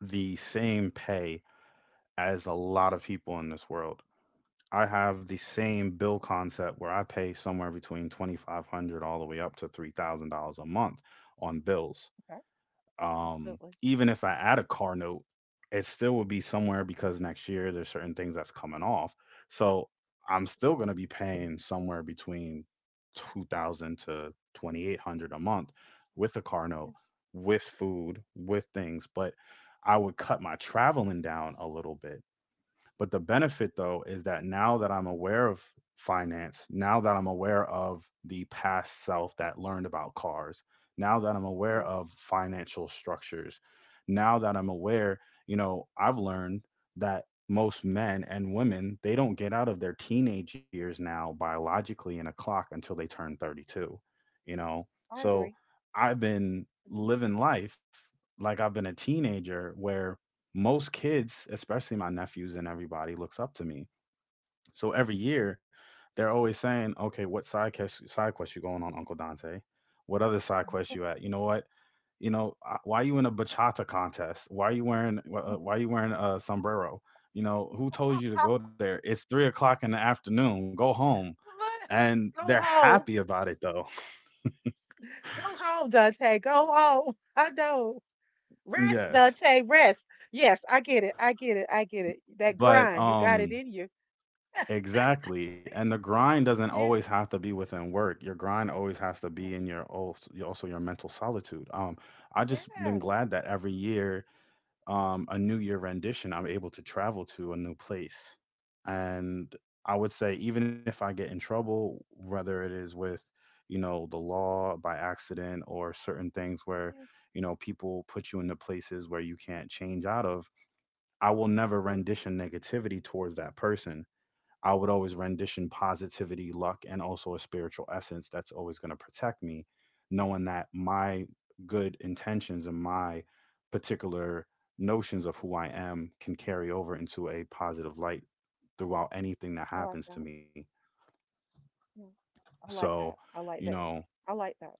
the same pay as a lot of people in this world. I have the same bill concept where I pay somewhere between 2,500 all the way up to $3,000 a month on bills. Okay, absolutely. Even if I add a car note, it still would be somewhere because next year there's certain things that's coming off. So I'm still going Absolutely. to be paying somewhere between 2000 to 2,800 a month with a car note, Yes, with food, with things, but I would cut my traveling down a little bit, but the benefit, though, is that now that I'm aware of finance, now that I'm aware of the past self that learned about cars, now that I'm aware yes, of financial structures, now that I'm aware, I've learned that most men and women, they don't get out of their teenage years now biologically in a clock until they turn 32, you know. I So agree. I've been Mhm. living life like I've been a teenager where most kids, especially my nephews and everybody, looks up to me. So every year, they're always saying, "Okay, what side quest you going on, Uncle Dante? What other side quest you at? You know what? You know, why are you in a bachata contest? Why are you wearing a sombrero? You know who told you to go there? It's 3 o'clock in the afternoon. Go home." And Go they're home. happy about it though. Go home, Dante. Go home. I know. Rest, Yes, Dante, rest. Yes, I get it. I get it. I get it. That grind, but you got it in you. exactly. And the grind doesn't Yes. always have to be within work. Your grind always has to be in That's- your also your mental solitude. I just been Yes. glad that every year, a new year rendition, I'm able to travel to a new place. And I would say even if I get in trouble, whether it is with, the law by accident, or certain things where, Yes, people put you into places where you can't change out of, I will never absolutely. rendition negativity towards that person. I would always rendition positivity, luck, and also a spiritual essence that's always going to protect me, knowing that my good intentions and my particular notions of who I am can carry over into a positive light throughout anything that I like happens that. to me. Yeah. I like So, that. I you like that. know, I like that.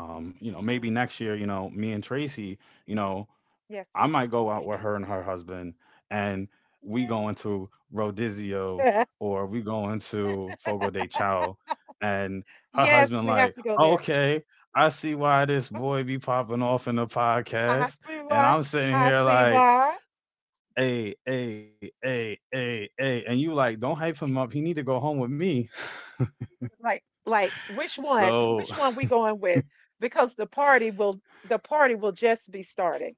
Yeah. maybe next year, me and Tracy, you know, Yes. I might go out with her and her husband, and we go into Rodizio Yay. or we go into Fogo de Chao, and her Yes, husband we have like, to go there. okay, I see why this Okay, boy be popping off in the I podcast, see and why. I'm sitting I here see like, why. hey, hey, hey, hey, hey, and you like, don't hype him up. He need to go home with me. Like which one? So Which one we going with? Because the party will just be starting.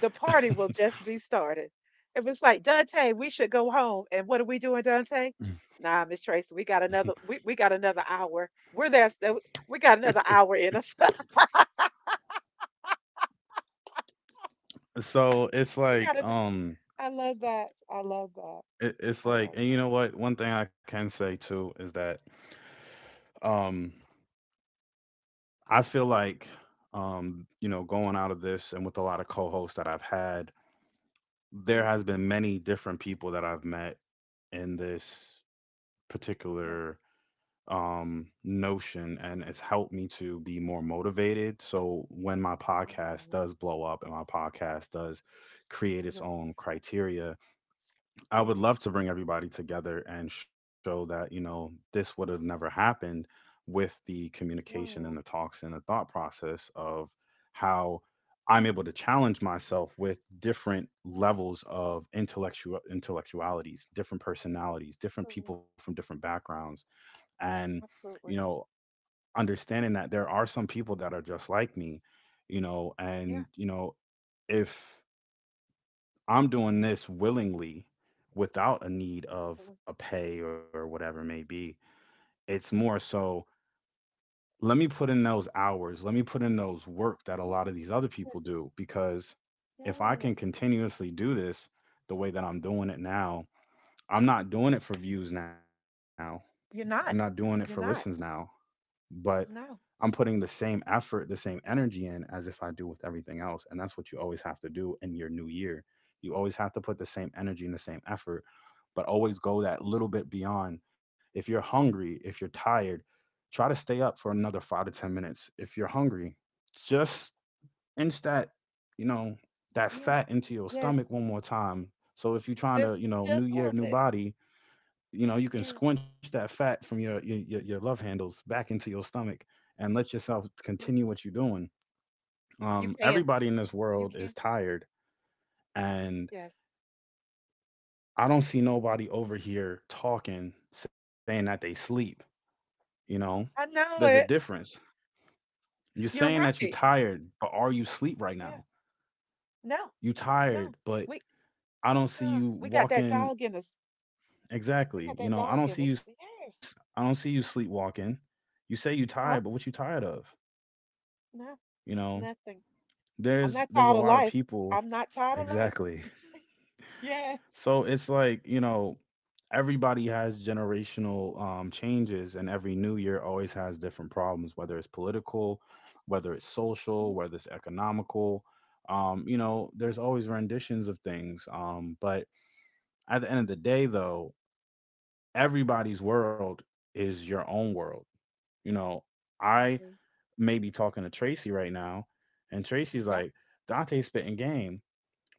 The party will just be started. It was like, Dante, we should go home. And what are we doing, Dante? Nah, Miss Tracy, we got another hour. We're there so we got another hour in us. so it's like we got an, I love that. I love that. it's I like, love and you that. know what, one thing I can say too is that um I feel like, you know, going out of this and with a lot of co hosts that I've had, there Yes, has been many different people that I've met in this yes, particular notion, and it's helped me to be more motivated. So when my I love podcast it. does blow up and my podcast does create its Yes. own uh, criteria, I yes. would love to bring everybody together and show that, you know, this would have never happened with the communication and the Wow. talks and the thought process of how I'm able to challenge myself with different Yes. levels of intellectual intellectualities, different personalities, different people Absolutely. from different backgrounds. And, you Absolutely. know, understanding that there are some people that are just like me, you know, Yeah, and, you know, if I'm doing this willingly without a need of absolutely. a pay or whatever it may be. It's more so let me put in those hours, let me put in those work that a Yes. lot of these other people Yes. do, because if I can Yes. continuously do this the way that I'm doing it now, I'm not doing it for views now. I'm not You're doing it for not. listens You're now, not. but I'm No. putting the same effort, the same energy in as if I do with everything else. And that's what you always have to do in your new year. You always have to put the same energy and the same effort, but always go that little bit beyond. If you're hungry, if you're tired, try to stay up for another five to 10 minutes. If you're hungry, just inch that, you know, that Yes. fat into your Yes. stomach one more time. So if you're trying to, you know, new Just a year, little new bit. body, you know, you can Yeah, squinch that fat from your love handles back into your stomach, and let yourself continue yes. what you're doing. You can. Everybody in this You world is can. tired, and Yes. I don't see nobody Yes. over here talking, saying that they sleep. You know, I there's a know it. difference. You're You're saying that you're right. tired, but are you sleep right Yeah. now? No. You No. tired, but We I don't see huh, you we got that walking. dog in us. We Exactly, got you that know, I dog don't in see us. you. I don't Yes. see you sleepwalking. You say you tired, but what you No. tired of? No. You know, Nothing. There's I'm not there's a tired of lot of life. people. I'm not tired of life. Exactly. Yes. So it's like, you know, everybody has generational changes, and every new year always has different problems, whether it's political, whether it's social, Mhm. whether it's economical. You know, there's Yep. always renditions of things. But at the end of the day though, everybody's world is your own world. You know, I I agree. may be talking to Tracy right now and Tracy's Yep. like, Dante spitting game.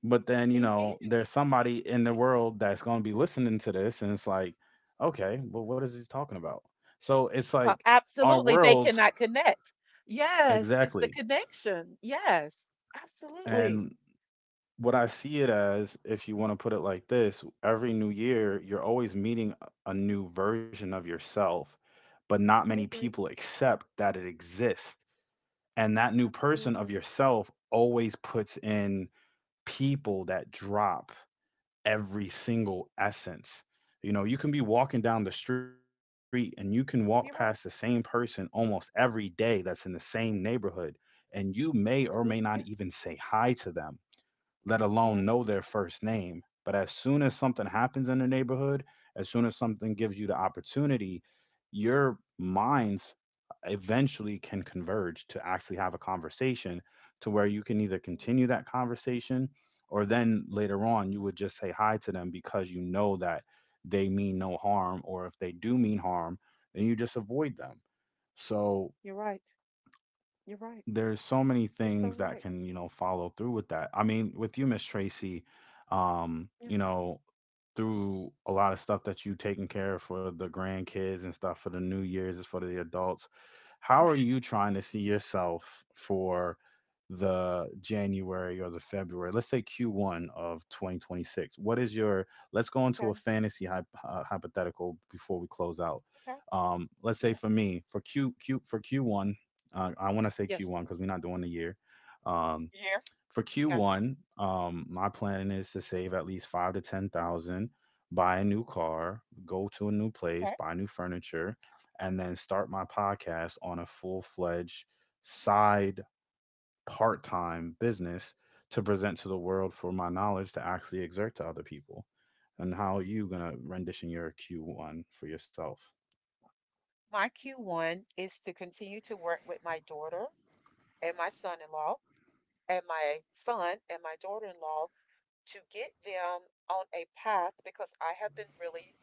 But then, you He know, is. there's somebody in the world that's going to be listening to this, and it's like, okay, well, what is he talking about? So it's like, our Absolutely. They worlds. cannot connect. Yes. It's the Exactly. connection. Yes. Absolutely. And what I see it as, if you want to put it like this, every new year you're always meeting a new version of yourself, but not many I agree. people accept that it exists. And that new person of Absolutely. yourself always puts in people that drop every single essence. You know, you can be walking down the street and you can walk past the same You're right. person almost every day that's in the same neighborhood, and you may or may Absolutely. not Yes. even say hi to them, let alone Yes. know their first name. But as soon as something happens in the neighborhood, as soon as something gives you the opportunity, your minds eventually can converge to actually have a conversation to where you can either Well, continue that conversation, or then later on you would just say hi to them because you know that they mean no harm, or if they do mean harm then you just avoid them. So you're right. You're right. there's so many You're so things that right. can, you know, follow through with that, I mean, with you, Miss Tracy. You Yes. know, through a lot of stuff that you taking care of for the grandkids and stuff, for the new years, is for the adults. How are you trying to see yourself for the january or the february, let's say Q1 of 2026? What is your, let's go into a Okay. fantasy hypothetical before we close out. Okay. Let's say Yes. for me for q q for Q1. I want to say Yes. Q1 because we're not doing the year. Um, You here? for Got you. Q1, my plan is to save at least five to ten thousand, buy a new car, go to a new place, Okay. buy new furniture, and then start my podcast on a full fledged side part time business to present to the world for my knowledge to actually exert to other people. And how are you gonna rendition your Q1 for yourself? My Q1 is to continue to work with my daughter and my son-in-law and my son and my daughter-in-law to get them on a path because I have been really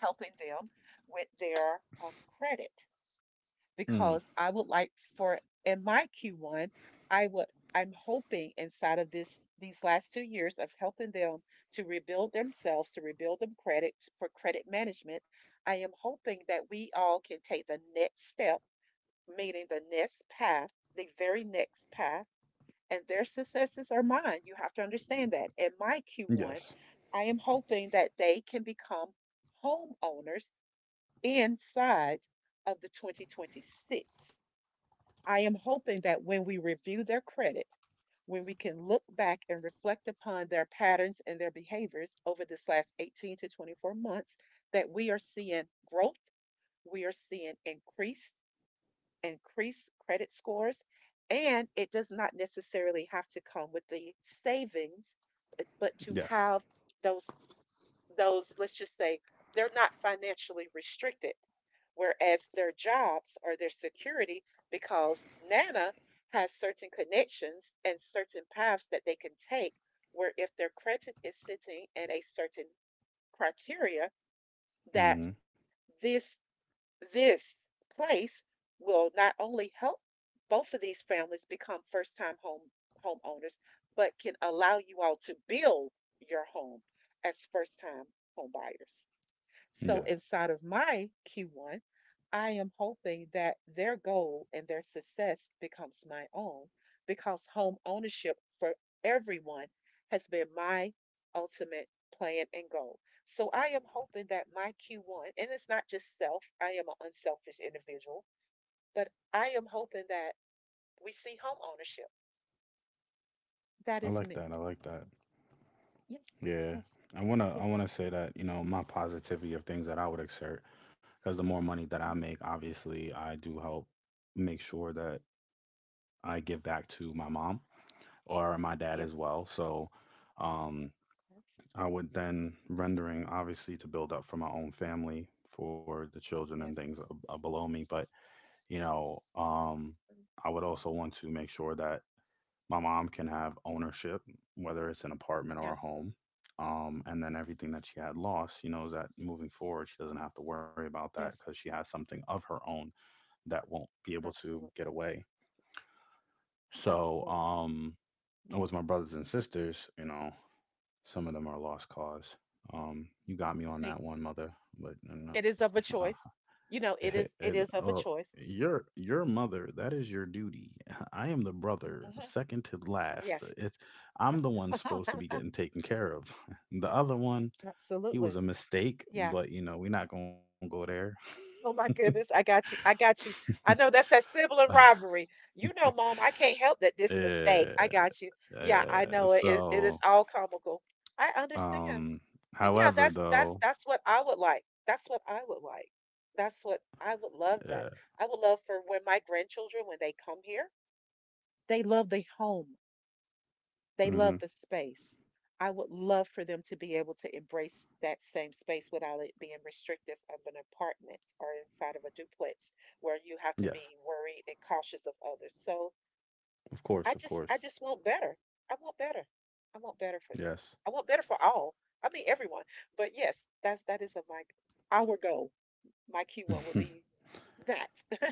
helping them with their credit. Mm. Because I would like for in my Q1, I would I'm hoping inside of this these last 2 years of helping them to rebuild themselves, to rebuild them credit for credit management. I am hoping that we all can take the next step, meaning the next path, the very next path, and their successes are mine. You have to understand that. In my Q1, Yes. I am hoping that they can become homeowners inside of the 2026. I am hoping that when we review their credit, when we can look back and reflect upon their patterns and their behaviors over this last 18 to 24 months, that we are seeing growth, we are seeing increased credit scores, and it does not necessarily have to come with the savings, but, to Yes. have those those let's just say they're not financially restricted whereas their jobs or their security because nana has certain connections and certain paths that they can take where if their credit is sitting in a certain criteria that Hmm. this this place will not only help both of these families become first time homeowners but can allow you all to build your home as first time home buyers, so Yes. inside of my Q1, I am hoping that their goal and their success becomes my own because home ownership for everyone has been my ultimate plan and goal. So I am hoping that my Q1, and it's not just self, I am an unselfish individual, but I am hoping that we see home ownership. That I is like me. that. I like that. Yes, Yeah. I yes, yes, want to say that, you know, my positivity of things that I would exert, because the more money that I mm, make, obviously, I do help make sure that I give back to my mom or my dad as yes, well. So, um, I would then rendering obviously to build up for my own family, for the children and yes, things below me. But, you know, mm, I would also want to make sure that my mom can have ownership, whether it's an apartment or a yes, home. And then everything that she had lost, she knows that moving forward, she doesn't have to worry about that because yes, she has something of her own that won't be able to get absolutely, away. So, absolutely. And with my brothers and sisters, you know, some of them are lost cause. You got me on Right. that one, mother, but you It know, is of a I, choice. You know, and, it is of a well, choice. your mother, that is your duty. I am the brother, Mhm. second to last. Yes. It, I'm the one supposed to be getting taken care of. The other one, he was Absolutely. a mistake, Yeah. but you know, we're not gonna go there. Oh my goodness. I got you. I got you. I know that's that sibling rivalry. You know, mom, I can't help that this mistake. Yeah, I got you. Yeah, I yeah. know it. It is So, all comical. I understand. um, But yeah, however, though, that's what I would like. That's what I would like. That's what I would yeah. love that. I would love for when my grandchildren, when they come here, they love the home. They Hmm. love the space. I would love for them to be able to embrace that same space without it being restrictive of an apartment or inside of a duplex where you have Yes, to be worried and cautious of others. So of course, of course. I just want better. I want better. I want better for them. Yes. I want better for all. I mean everyone. But yes, that is a my our goal. My key one would be that.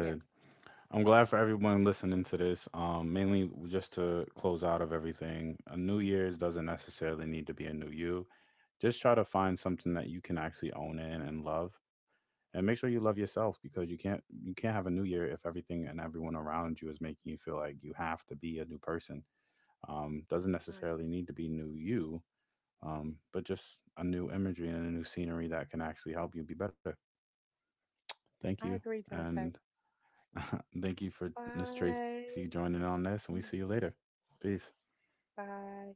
Yes. I'm glad for everyone Yes. listening to this. Mainly just to close out of everything, a new year's doesn't necessarily need to be a new you. Just try to find something that you can actually own in and love, and make sure you love yourself, because you can't have a new year if everything and everyone around you is making you feel like you have to be a new person. Doesn't I necessarily agree. need to be new you, but just a new imagery and a new scenery that can actually help you be better. Thank you, I agree, Dante. and thank you for Miss Tracy Bye. joining on this, and we see you later. Peace. Bye.